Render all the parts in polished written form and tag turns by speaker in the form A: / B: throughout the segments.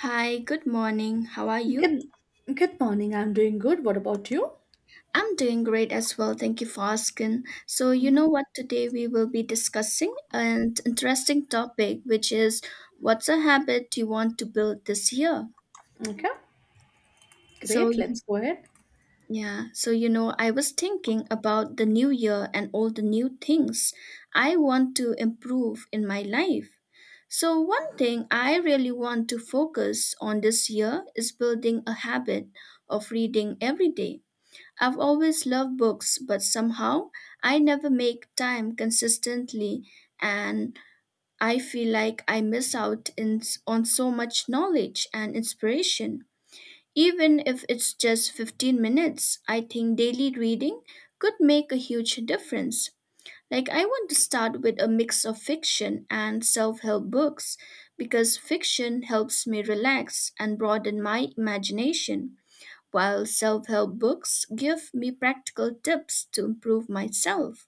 A: Hi, good morning. How are you?
B: Good, good morning. I'm doing good. What about you?
A: I'm doing great as well. Thank you for asking. So, you know what? Today we will be discussing an interesting topic, which is what's a habit you want to build this year?
B: Okay,
A: So,
B: great. Let's
A: you-
B: go ahead.
A: yeah, so you know, I was thinking about the new year and all the new things I want to improve in my life. So, one thing I really want to focus on this year is building a habit of reading every day. I've always loved books, but somehow I never make time consistently, and I feel like I miss out in, on so much knowledge and inspiration. Even if it's just 15 minutes, I think daily reading could make a huge difference. Like, I want to start with a mix of fiction and self help books because fiction helps me relax and broaden my imagination while self help books give me practical tips to improve myself.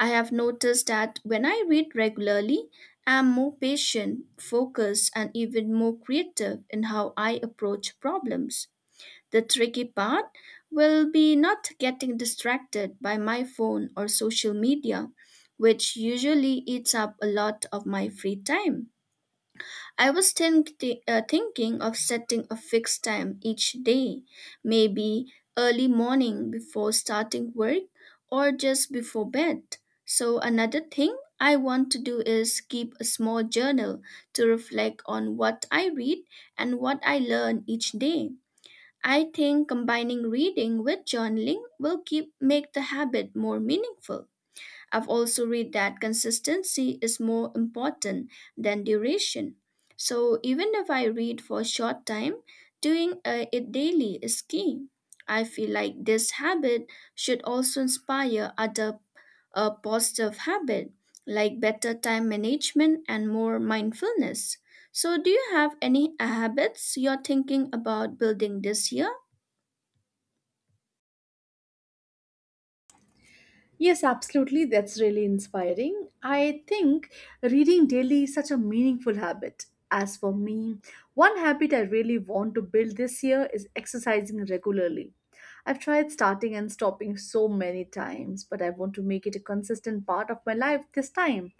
A: I have noticed that when I read regularly, I'm more patient, focused, and even more creative in how I approach problems. The tricky part will be not getting distracted by my phone or social media, which usually eats up a lot of my free time. I was think- thinking of setting a fixed time each day, maybe early morning before starting work or just before bed. So, another thing I want to do is keep a small journal to reflect on what I read and what I learn each day. I think combining reading with journaling will keep make the habit more meaningful. I've also read that consistency is more important than duration. So even if I read for a short time, doing it daily is key. I feel like this habit should also inspire other positive habit like better time management and more mindfulness. So do you have any habits you're thinking about building this year?
B: Yes, absolutely. That's really inspiring. I think reading daily is such a meaningful habit. As for me, one habit I really want to build this year is exercising regularly. I've tried starting and stopping so many times, but I want to make it a consistent part of my life this time.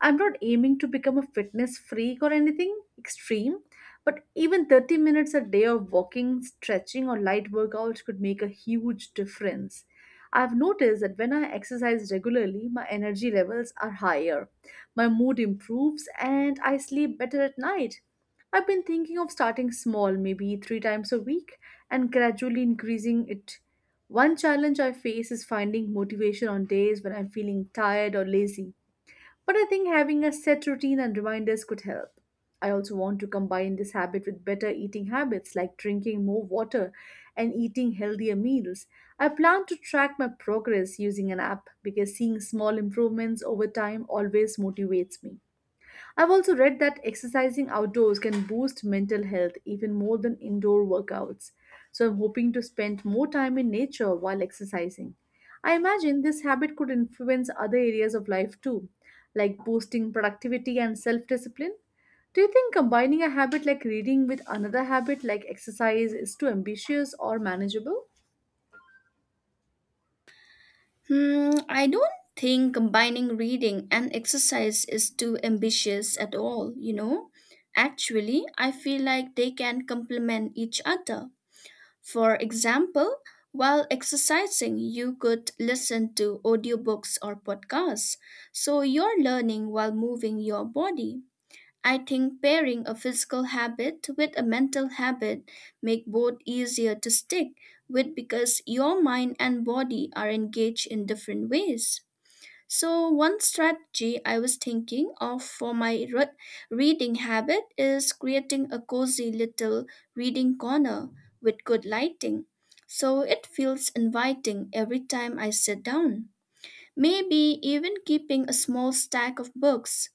B: I'm not aiming to become a fitness freak or anything extreme, but even 30 minutes a day of walking, stretching, or light workouts could make a huge difference. I've noticed that when I exercise regularly, my energy levels are higher, my mood improves, and I sleep better at night. I've been thinking of starting small, maybe three times a week, and gradually increasing it. One challenge I face is finding motivation on days when I'm feeling tired or lazy. But I think having a set routine and reminders could help. I also want to combine this habit with better eating habits like drinking more water and eating healthier meals. I plan to track my progress using an app because seeing small improvements over time always motivates me. I've also read that exercising outdoors can boost mental health even more than indoor workouts. So I'm hoping to spend more time in nature while exercising. I imagine this habit could influence other areas of life too, like boosting productivity and self discipline. Do you think combining a habit like reading with another habit like exercise is too ambitious or manageable?
A: Hmm, I don't think combining reading and exercise is too ambitious at all, you know. Actually, I feel like they can complement each other. For example, while exercising, you could listen to audiobooks or podcasts, so you're learning while moving your body. I think pairing a physical habit with a mental habit make both easier to stick with because your mind and body are engaged in different ways. So one strategy I was thinking of for my reading habit is creating a cozy little reading corner with good lighting. So it feels inviting every time I sit down. Maybe even keeping a small stack of books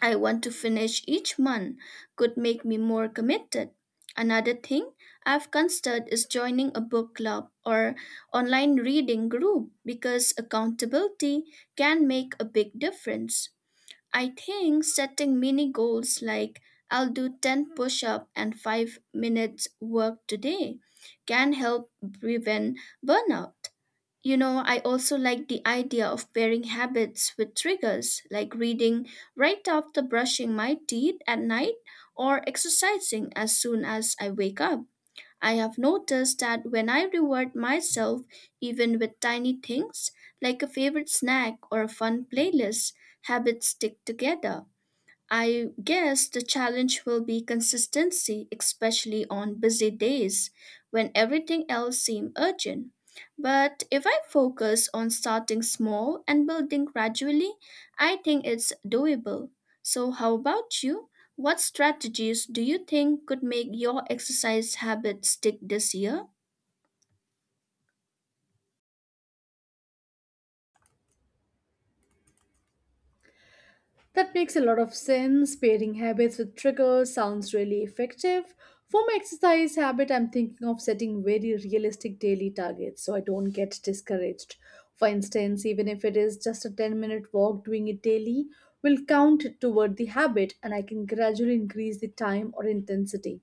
A: I want to finish each month could make me more committed. Another thing I've considered is joining a book club or online reading group because accountability can make a big difference. I think setting mini goals like I'll do 10 push up and 5 minutes work today can help prevent burnout. You know, I also like the idea of pairing habits with triggers, like reading right after brushing my teeth at night or exercising as soon as I wake up. I have noticed that when I reward myself, even with tiny things like a favorite snack or a fun playlist, habits stick together. I guess the challenge will be consistency, especially on busy days when everything else seems urgent. But if I focus on starting small and building gradually, I think it's doable. So, how about you? What strategies do you think could make your exercise habit stick this year?
B: That makes a lot of sense. Pairing habits with triggers sounds really effective. For my exercise habit, I'm thinking of setting very realistic daily targets so I don't get discouraged. For instance, even if it is just a 10-minute walk, doing it daily will count toward the habit and I can gradually increase the time or intensity.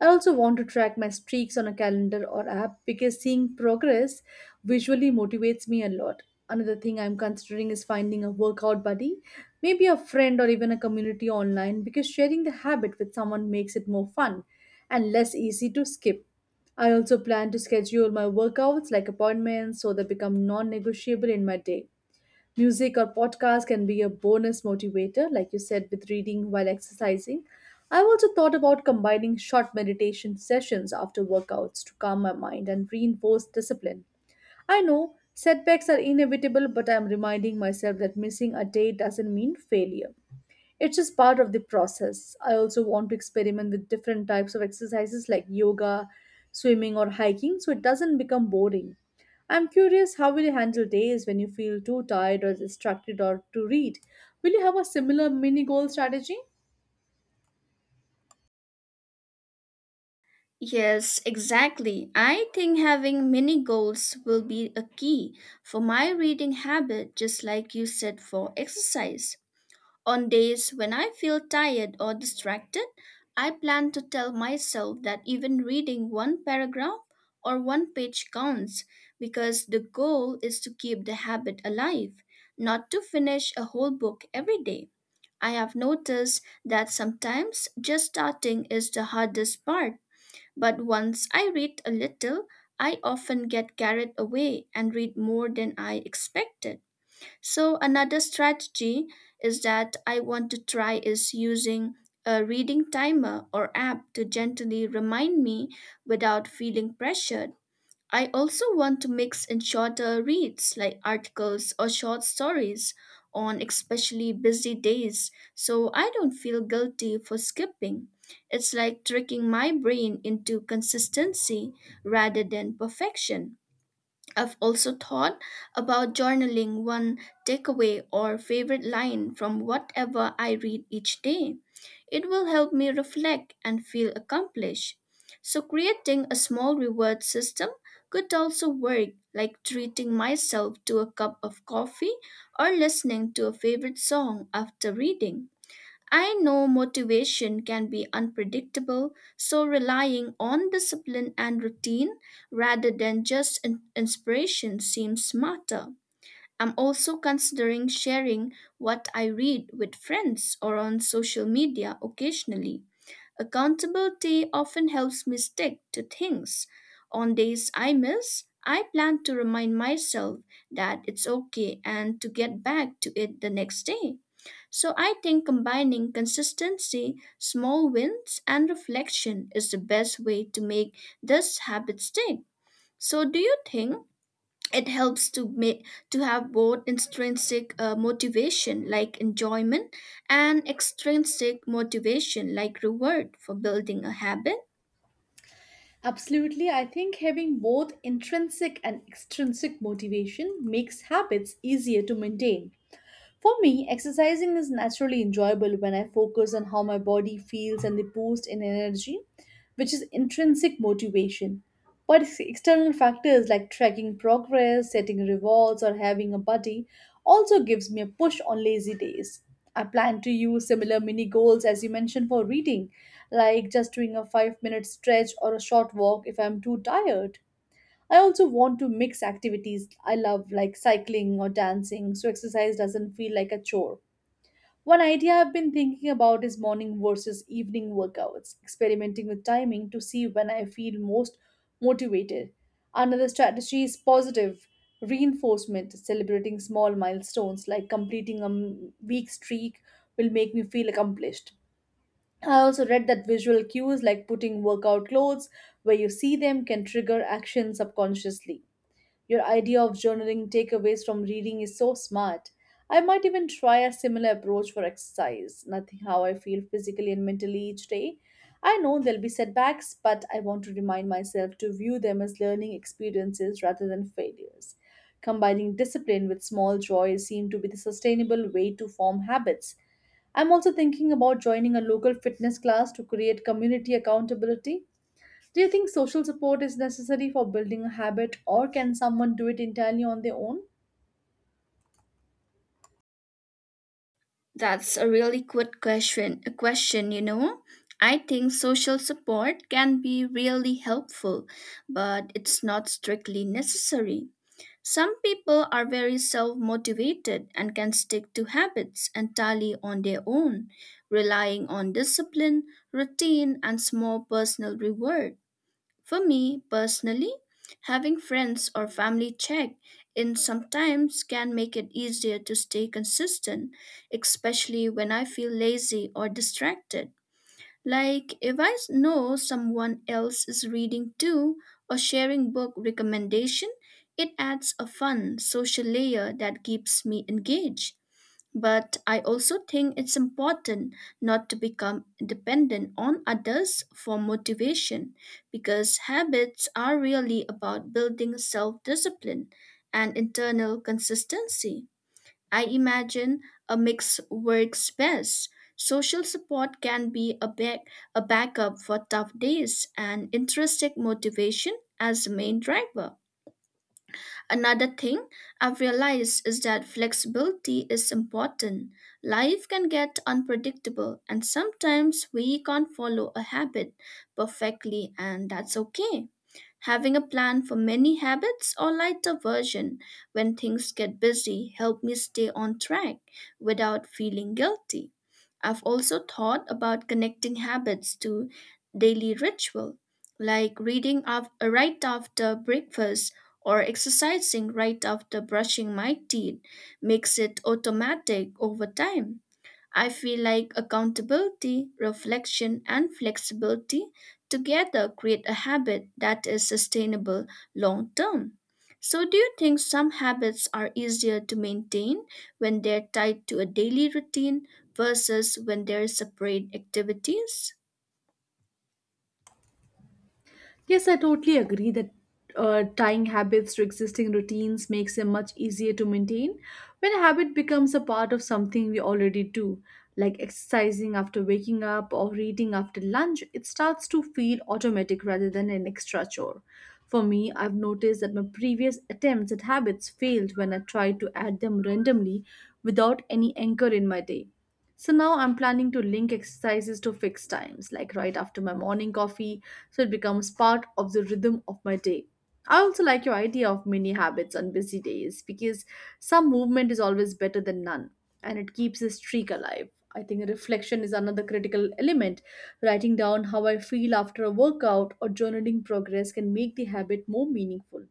B: I also want to track my streaks on a calendar or app because seeing progress visually motivates me a lot. Another thing I'm considering is finding a workout buddy, maybe a friend or even a community online because sharing the habit with someone makes it more fun and less easy to skip. I also plan to schedule my workouts like appointments so they become non negotiable in my day. Music or podcasts can be a bonus motivator, like you said, with reading while exercising. I've also thought about combining short meditation sessions after workouts to calm my mind and reinforce discipline. I know setbacks are inevitable, but I'm reminding myself that missing a day doesn't mean failure. It's just part of the process. I also want to experiment with different types of exercises like yoga, swimming, or hiking so it doesn't become boring. I'm curious how will you handle days when you feel too tired or distracted or to read? Will you have a similar mini goal strategy?
A: Yes, exactly. I think having mini goals will be a key for my reading habit, just like you said for exercise. On days when I feel tired or distracted, I plan to tell myself that even reading one paragraph or one page counts because the goal is to keep the habit alive, not to finish a whole book every day. I have noticed that sometimes just starting is the hardest part, but once I read a little, I often get carried away and read more than I expected. So, another strategy is that I want to try is using a reading timer or app to gently remind me without feeling pressured. I also want to mix in shorter reads like articles or short stories on especially busy days so I don't feel guilty for skipping. It's like tricking my brain into consistency rather than perfection. I've also thought about journaling one takeaway or favorite line from whatever I read each day. It will help me reflect and feel accomplished. So, creating a small reward system could also work, like treating myself to a cup of coffee or listening to a favorite song after reading. I know motivation can be unpredictable, so relying on discipline and routine rather than just inspiration seems smarter. I'm also considering sharing what I read with friends or on social media occasionally. Accountability often helps me stick to things. On days I miss, I plan to remind myself that it's okay and to get back to it the next day. So I think combining consistency, small wins, and reflection is the best way to make this habit stick. So do you think it helps to make to have both intrinsic motivation like enjoyment and extrinsic motivation like reward for building a habit?
B: Absolutely. I think having both intrinsic and extrinsic motivation makes habits easier to maintain. For me, exercising is naturally enjoyable when I focus on how my body feels and the boost in energy, which is intrinsic motivation. But external factors like tracking progress, setting rewards, or having a buddy also gives me a push on lazy days. I plan to use similar mini goals as you mentioned for reading, like just doing a 5-minute stretch or a short walk if I'm too tired. I also want to mix activities I love, like cycling or dancing, so exercise doesn't feel like a chore. One idea I've been thinking about is morning versus evening workouts, experimenting with timing to see when I feel most motivated. Another strategy is positive reinforcement, celebrating small milestones like completing a week streak will make me feel accomplished. I also read that visual cues like putting workout clothes where you see them can trigger action subconsciously. Your idea of journaling takeaways from reading is so smart. I might even try a similar approach for exercise, nothing how I feel physically and mentally each day. I know there'll be setbacks, but I want to remind myself to view them as learning experiences rather than failures. Combining discipline with small joys seem to be the sustainable way to form habits. I'm also thinking about joining a local fitness class to create community accountability. Do you think social support is necessary for building a habit, or can someone do it entirely on their own?
A: That's a really good question. A question, you know. I think social support can be really helpful, but it's not strictly necessary. Some people are very self motivated and can stick to habits entirely on their own, relying on discipline, routine, and small personal reward. For me personally, having friends or family check in sometimes can make it easier to stay consistent, especially when I feel lazy or distracted. Like if I know someone else is reading too or sharing book recommendation, it adds a fun social layer that keeps me engaged. But I also think it's important not to become dependent on others for motivation because habits are really about building self discipline and internal consistency. I imagine a mix works best. Social support can be a backup for tough days and intrinsic motivation as a main driver. Another thing I've realized is that flexibility is important. Life can get unpredictable, and sometimes we can't follow a habit perfectly, and that's okay. Having a plan for many habits or lighter version when things get busy help me stay on track without feeling guilty. I've also thought about connecting habits to daily ritual, like reading right after breakfast or exercising right after brushing my teeth makes it automatic over time. I feel like accountability, reflection, and flexibility together create a habit that is sustainable long term. So, do you think some habits are easier to maintain when they're tied to a daily routine versus when they're separate activities?
B: Yes, I totally agree that tying habits to existing routines makes them much easier to maintain. When a habit becomes a part of something we already do, like exercising after waking up or reading after lunch, it starts to feel automatic rather than an extra chore. For me, I've noticed that my previous attempts at habits failed when I tried to add them randomly without any anchor in my day. So now I'm planning to link exercises to fixed times, like right after my morning coffee, so it becomes part of the rhythm of my day. I also like your idea of mini habits on busy days because some movement is always better than none and it keeps the streak alive. I think reflection is another critical element. Writing down how I feel after a workout or journaling progress can make the habit more meaningful.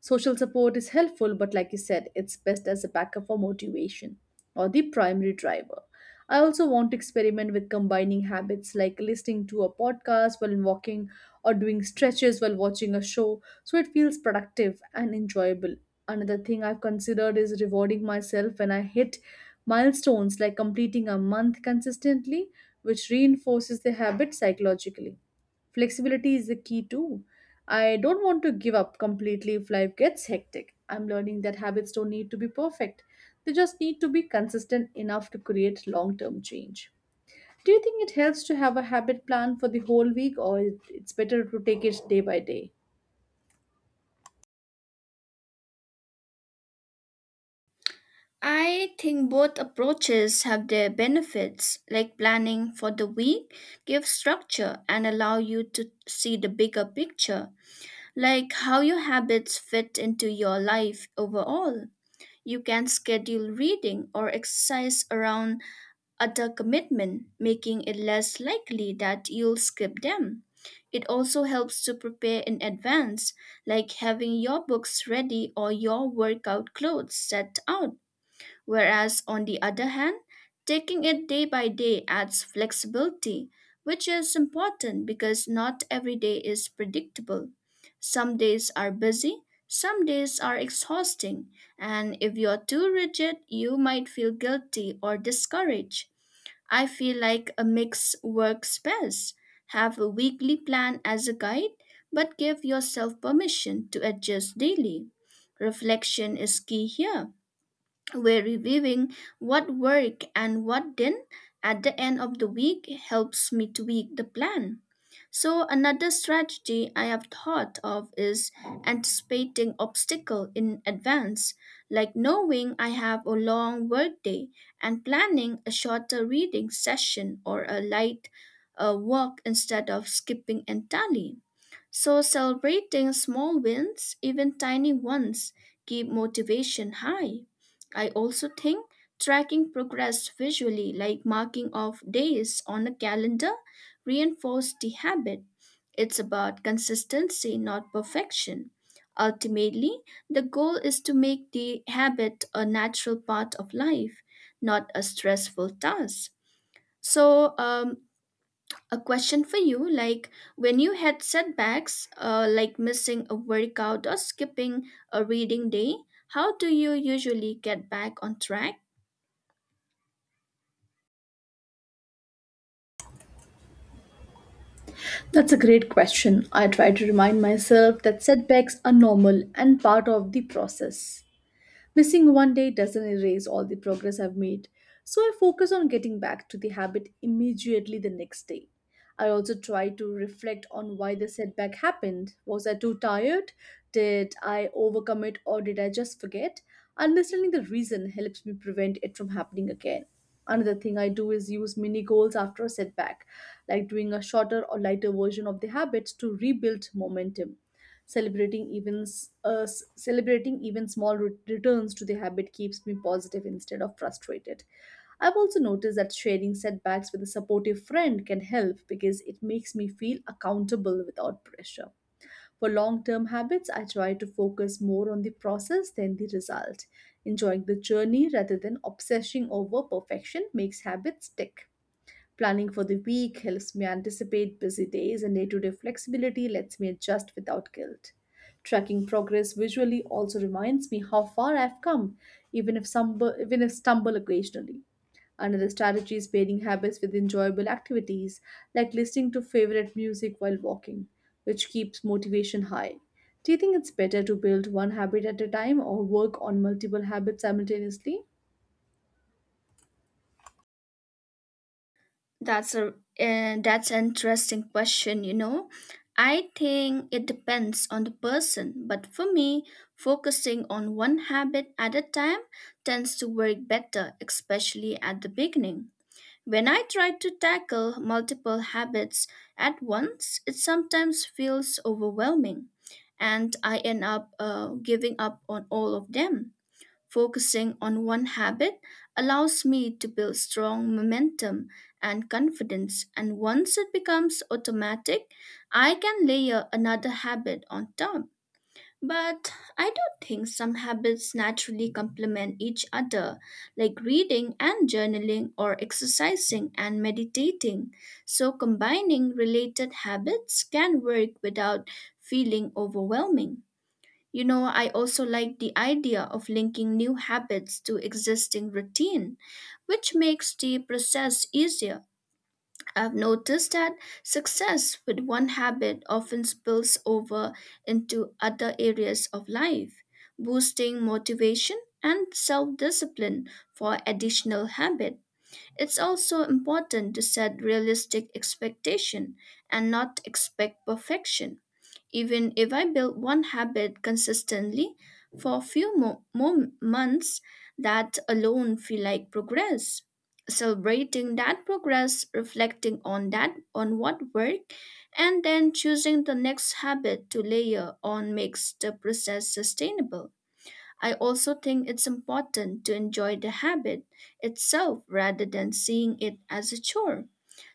B: Social support is helpful, but like you said, it's best as a backup for motivation or the primary driver. I also want to experiment with combining habits like listening to a podcast while walking or doing stretches while watching a show so it feels productive and enjoyable. Another thing I've considered is rewarding myself when I hit milestones like completing a month consistently, which reinforces the habit psychologically. Flexibility is the key too. I don't want to give up completely if life gets hectic. I'm learning that habits don't need to be perfect, they just need to be consistent enough to create long term change. Do you think it helps to have a habit plan for the whole week, or it's better to take it day by day?
A: I think both approaches have their benefits, like planning for the week gives structure and allow you to see the bigger picture like how your habits fit into your life overall. You can schedule reading or exercise around other commitment, making it less likely that you'll skip them. It also helps to prepare in advance, like having your books ready or your workout clothes set out. Whereas, on the other hand, taking it day by day adds flexibility, which is important because not every day is predictable. Some days are busy, some days are exhausting, and if you're too rigid, you might feel guilty or discouraged. I feel like a mix works best. Have a weekly plan as a guide, but give yourself permission to adjust daily. Reflection is key here where reviewing what worked and what didn't at the end of the week helps me tweak the plan. So another strategy I have thought of is anticipating obstacle in advance, like knowing I have a long workday and planning a shorter reading session or a light walk instead of skipping entirely. So, celebrating small wins, even tiny ones, keep motivation high. I also think tracking progress visually, like marking off days on a calendar, reinforces the habit. It's about consistency, not perfection. Ultimately, the goal is to make the habit a natural part of life, not a stressful task. So, a question for you like when you had setbacks like missing a workout or skipping a reading day, how do you usually get back on track?
B: That's a great question. I try to remind myself that setbacks are normal and part of the process. Missing one day doesn't erase all the progress I've made, so I focus on getting back to the habit immediately the next day. I also try to reflect on why the setback happened. Was I too tired? Did I overcommit or did I just forget? Understanding the reason helps me prevent it from happening again. Another thing I do is use mini goals after a setback, like doing a shorter or lighter version of the habits to rebuild momentum. Celebrating even returns to the habit keeps me positive instead of frustrated. I've also noticed that sharing setbacks with a supportive friend can help because it makes me feel accountable without pressure. For long-term habits, I try to focus more on the process than the result. Enjoying the journey rather than obsessing over perfection makes habits stick. Planning for the week helps me anticipate busy days, and day to day flexibility lets me adjust without guilt. Tracking progress visually also reminds me how far I've come, even if stumble occasionally. Another strategy is pairing habits with enjoyable activities, like listening to favorite music while walking, which keeps motivation high. Do you think it's better to build one habit at a time or work on multiple habits simultaneously?
A: that's a that's an interesting question, you know. I think it depends on the person, but for me focusing on one habit at a time tends to work better especially at the beginning. When I try to tackle multiple habits at once, it sometimes feels overwhelming, and I end up giving up on all of them. Focusing on one habit allows me to build strong momentum and confidence, and once it becomes automatic, I can layer another habit on top. But I do think some habits naturally complement each other, like reading and journaling, or exercising and meditating. So, combining related habits can work without feeling overwhelming. You know, I also like the idea of linking new habits to existing routine, which makes the process easier. I've noticed that success with one habit often spills over into other areas of life, boosting motivation and self discipline for additional habit. It's also important to set realistic expectation and not expect perfection even if I build one habit consistently for a few more months, that alone feel like progress. Celebrating that progress, reflecting on that on what worked, and then choosing the next habit to layer on makes the process sustainable. I also think it's important to enjoy the habit itself rather than seeing it as a chore.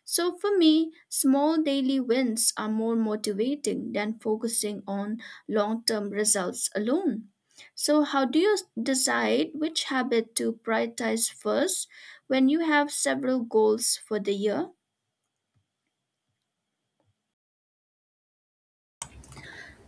A: So for me, small daily wins are more motivating than focusing on long term results alone. So, how do you decide which habit to prioritize first when you have several goals for the year?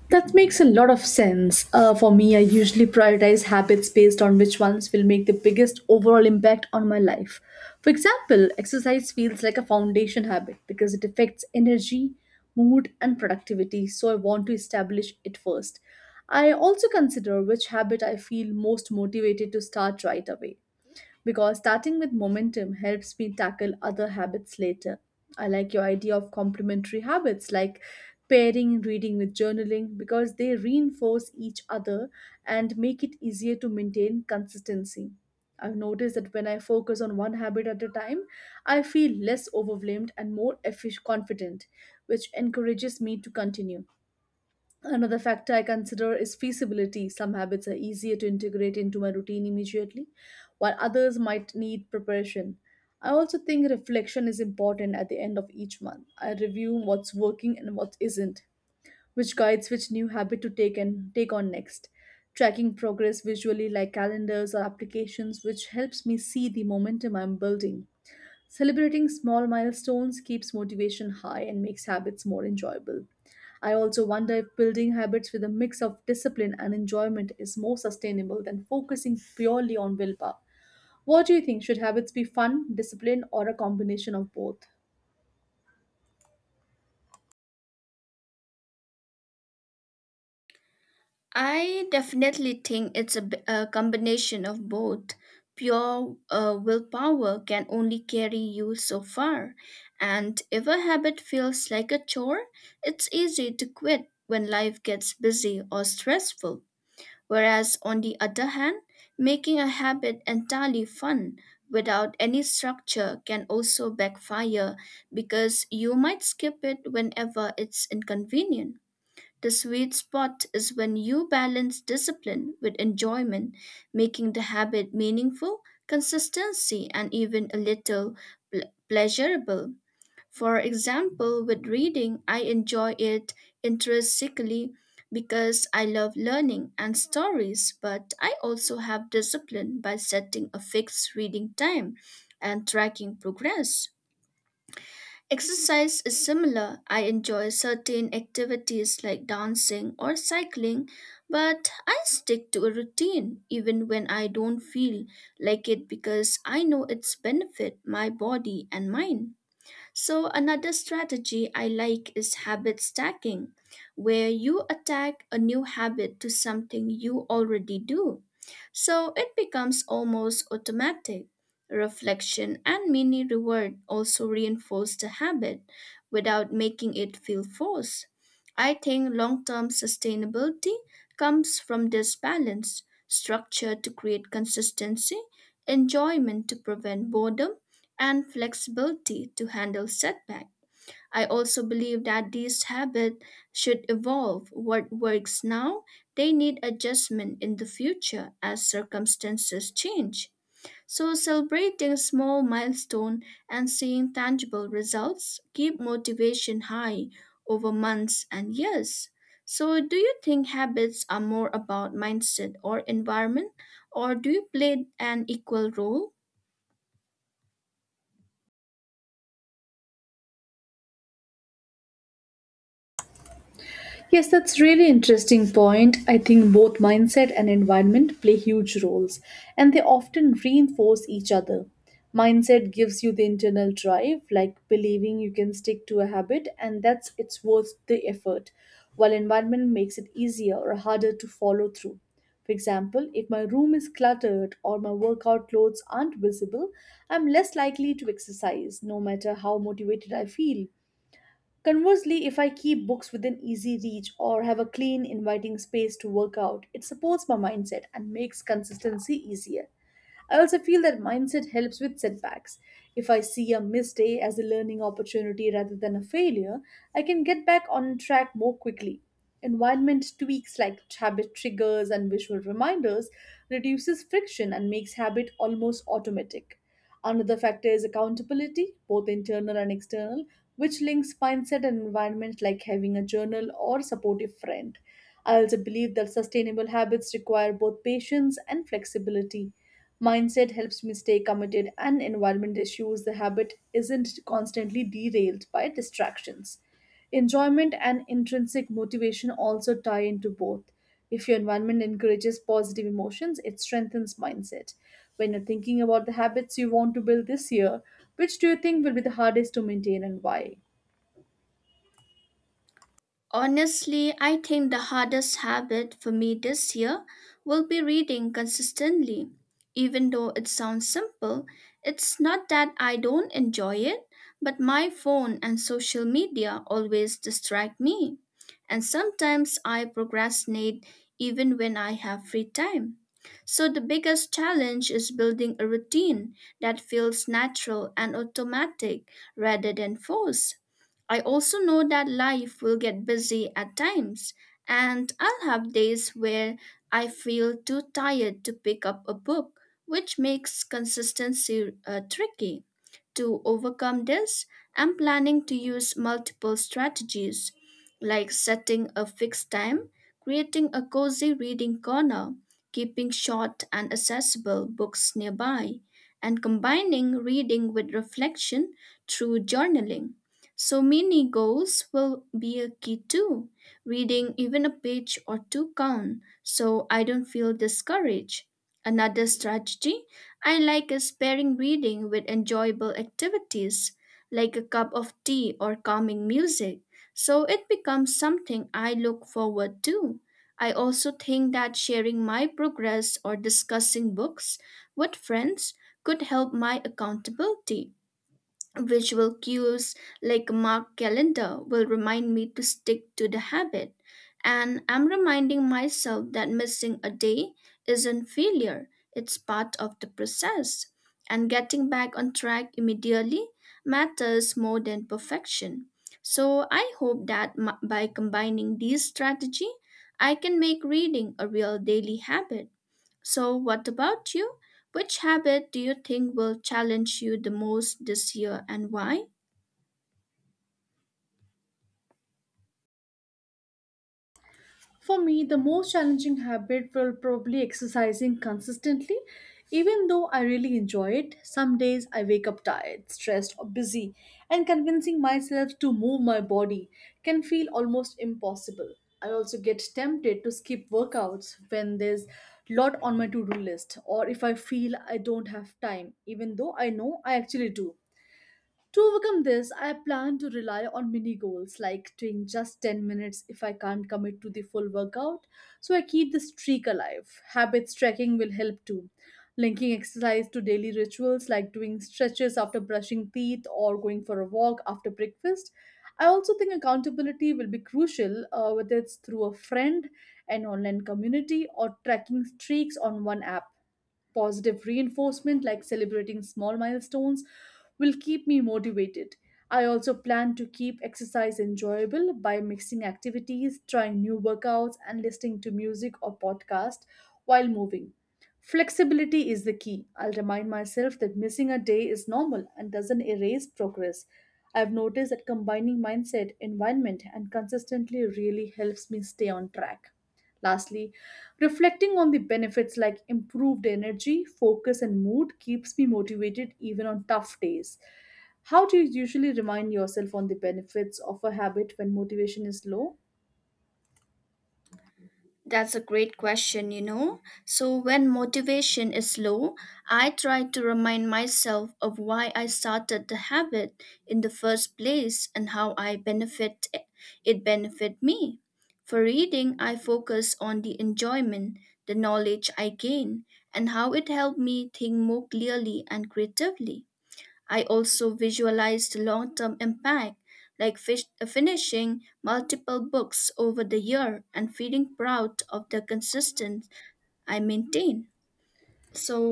B: That makes a lot of sense. For me, I usually prioritize habits based on which ones will make the biggest overall impact on my life. For example, exercise feels like a foundation habit because it affects energy, mood, and productivity, so I want to establish it first. I also consider which habit I feel most motivated to start right away because starting with momentum helps me tackle other habits later. I like your idea of complementary habits like pairing reading with journaling because they reinforce each other and make it easier to maintain consistency. I've noticed that when I focus on one habit at a time, I feel less overwhelmed and more confident, which encourages me to continue. Another factor I consider is feasibility. Some habits are easier to integrate into my routine immediately, while others might need preparation. I also think reflection is important at the end of each month. I review what's working and what isn't, which guides which new habit to take and take on next. Tracking progress visually like calendars or applications which helps me see the momentum I'm building. Celebrating small milestones keeps motivation high and makes habits more enjoyable. I also wonder if building habits with a mix of discipline and enjoyment is more sustainable than focusing purely on willpower. What do you think? Should habits be fun, discipline, or a combination of both?
A: I definitely think it's a combination of both. Pure willpower can only carry you so far, and if a habit feels like a chore, it's easy to quit when life gets busy or stressful. Whereas, on the other hand, making a habit entirely fun without any structure can also backfire because you might skip it whenever it's inconvenient. The sweet spot is when you balance discipline with enjoyment, making the habit meaningful, consistency, and even a little pleasurable. For example, with reading, I enjoy it intrinsically because I love learning and stories, but I also have discipline by setting a fixed reading time and tracking progress. Exercise is similar. I enjoy certain activities like dancing or cycling, but I stick to a routine even when I don't feel like it because I know its benefit my body and mind. So, another strategy I like is habit stacking, where you attack a new habit to something you already do. So, it becomes almost automatic. Reflection and mini reward also reinforce the habit without making it feel forced. I think long term sustainability comes from this balance structure to create consistency, enjoyment to prevent boredom and flexibility to handle setback. I also believe that these habits should evolve. What works now, they need adjustment in the future as circumstances change. So celebrating small milestone and seeing tangible results keep motivation high over months and years. So do you think habits are more about mindset or environment or do you play an equal role?
B: Yes, that's really interesting point. I think both mindset and environment play huge roles and they often reinforce each other. Mindset gives you the internal drive, like believing you can stick to a habit and that's it's worth the effort, while environment makes it easier or harder to follow through. For example, if my room is cluttered or my workout clothes aren't visible, I'm less likely to exercise no matter how motivated I feel. Conversely, if I keep books within easy reach or have a clean, inviting space to work out, it supports my mindset and makes consistency easier. I also feel that mindset helps with setbacks. If I see a missed day as a learning opportunity rather than a failure, I can get back on track more quickly. Environment tweaks like habit triggers and visual reminders reduces friction and makes habit almost automatic. Another factor is accountability, both internal and external, which links mindset and environment like having a journal or supportive friend. I also believe that sustainable habits require both patience and flexibility. Mindset helps me stay committed and environment issues. The habit isn't constantly derailed by distractions. Enjoyment and intrinsic motivation also tie into both. If your environment encourages positive emotions, it strengthens mindset. When you're thinking about the habits you want to build this year, which do you think will be the hardest to maintain and why?
A: Honestly, I think the hardest habit for me this year will be reading consistently. Even though it sounds simple, it's not that I don't enjoy it, but my phone and social media always distract me. And sometimes I procrastinate even when I have free time. So the biggest challenge is building a routine that feels natural and automatic rather than forced. I also know that life will get busy at times, and I'll have days where I feel too tired to pick up a book, which makes consistency tricky. To overcome this, I'm planning to use multiple strategies like setting a fixed time, creating a cozy reading corner, keeping short and accessible books nearby, and combining reading with reflection through journaling. So, mini goals will be a key too, reading even a page or two count so I don't feel discouraged. Another strategy I like a sparing reading with enjoyable activities, like a cup of tea or calming music, so it becomes something I look forward to. I also think that sharing my progress or discussing books with friends could help my accountability. Visual cues like a marked calendar will remind me to stick to the habit, and I'm reminding myself that missing a day isn't failure, it's part of the process. And getting back on track immediately matters more than perfection. So I hope that by combining these strategy, I can make reading a real daily habit. So, what about you? Which habit do you think will challenge you the most this year and why?
B: For me, the most challenging habit will probably exercising consistently. Even though I really enjoy it, some days I wake up tired, stressed, or busy, and convincing myself to move my body can feel almost impossible. I also get tempted to skip workouts when there's lot on my to-do list or if I feel I don't have time, even though I know I actually do. To overcome this, I plan to rely on mini goals like doing just 10 minutes if I can't commit to the full workout, so I keep the streak alive. Habits tracking will help too. Linking exercise to daily rituals like doing stretches after brushing teeth or going for a walk after breakfast. I also think accountability will be crucial, whether it's through a friend, an online community, or tracking streaks on one app. Positive reinforcement, like celebrating small milestones, will keep me motivated. I also plan to keep exercise enjoyable by mixing activities, trying new workouts, and listening to music or podcast while moving. Flexibility is the key. I'll remind myself that missing a day is normal and doesn't erase progress. I've noticed that combining mindset, environment, and consistently really helps me stay on track. Lastly, reflecting on the benefits like improved energy, focus, and mood keeps me motivated even on tough days. How do you usually remind yourself on the benefits of a habit when motivation is low?
A: That's a great question, you know. So, when motivation is low, I try to remind myself of why I started the habit in the first place and how I benefit it benefit me. For reading, I focus on the enjoyment, the knowledge I gain, and how it helped me think more clearly and creatively. I also visualized long term impact, like finishing multiple books over the year and feeling proud of the consistency I maintain.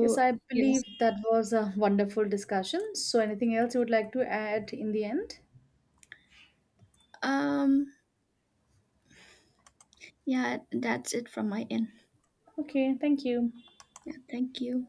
B: Yes, I
A: yes,
B: believe that was a wonderful discussion. So, anything else you would like to add in the end?
A: um, yeah, that's it from my end.
B: Okay, thank you.
A: Yeah, thank you.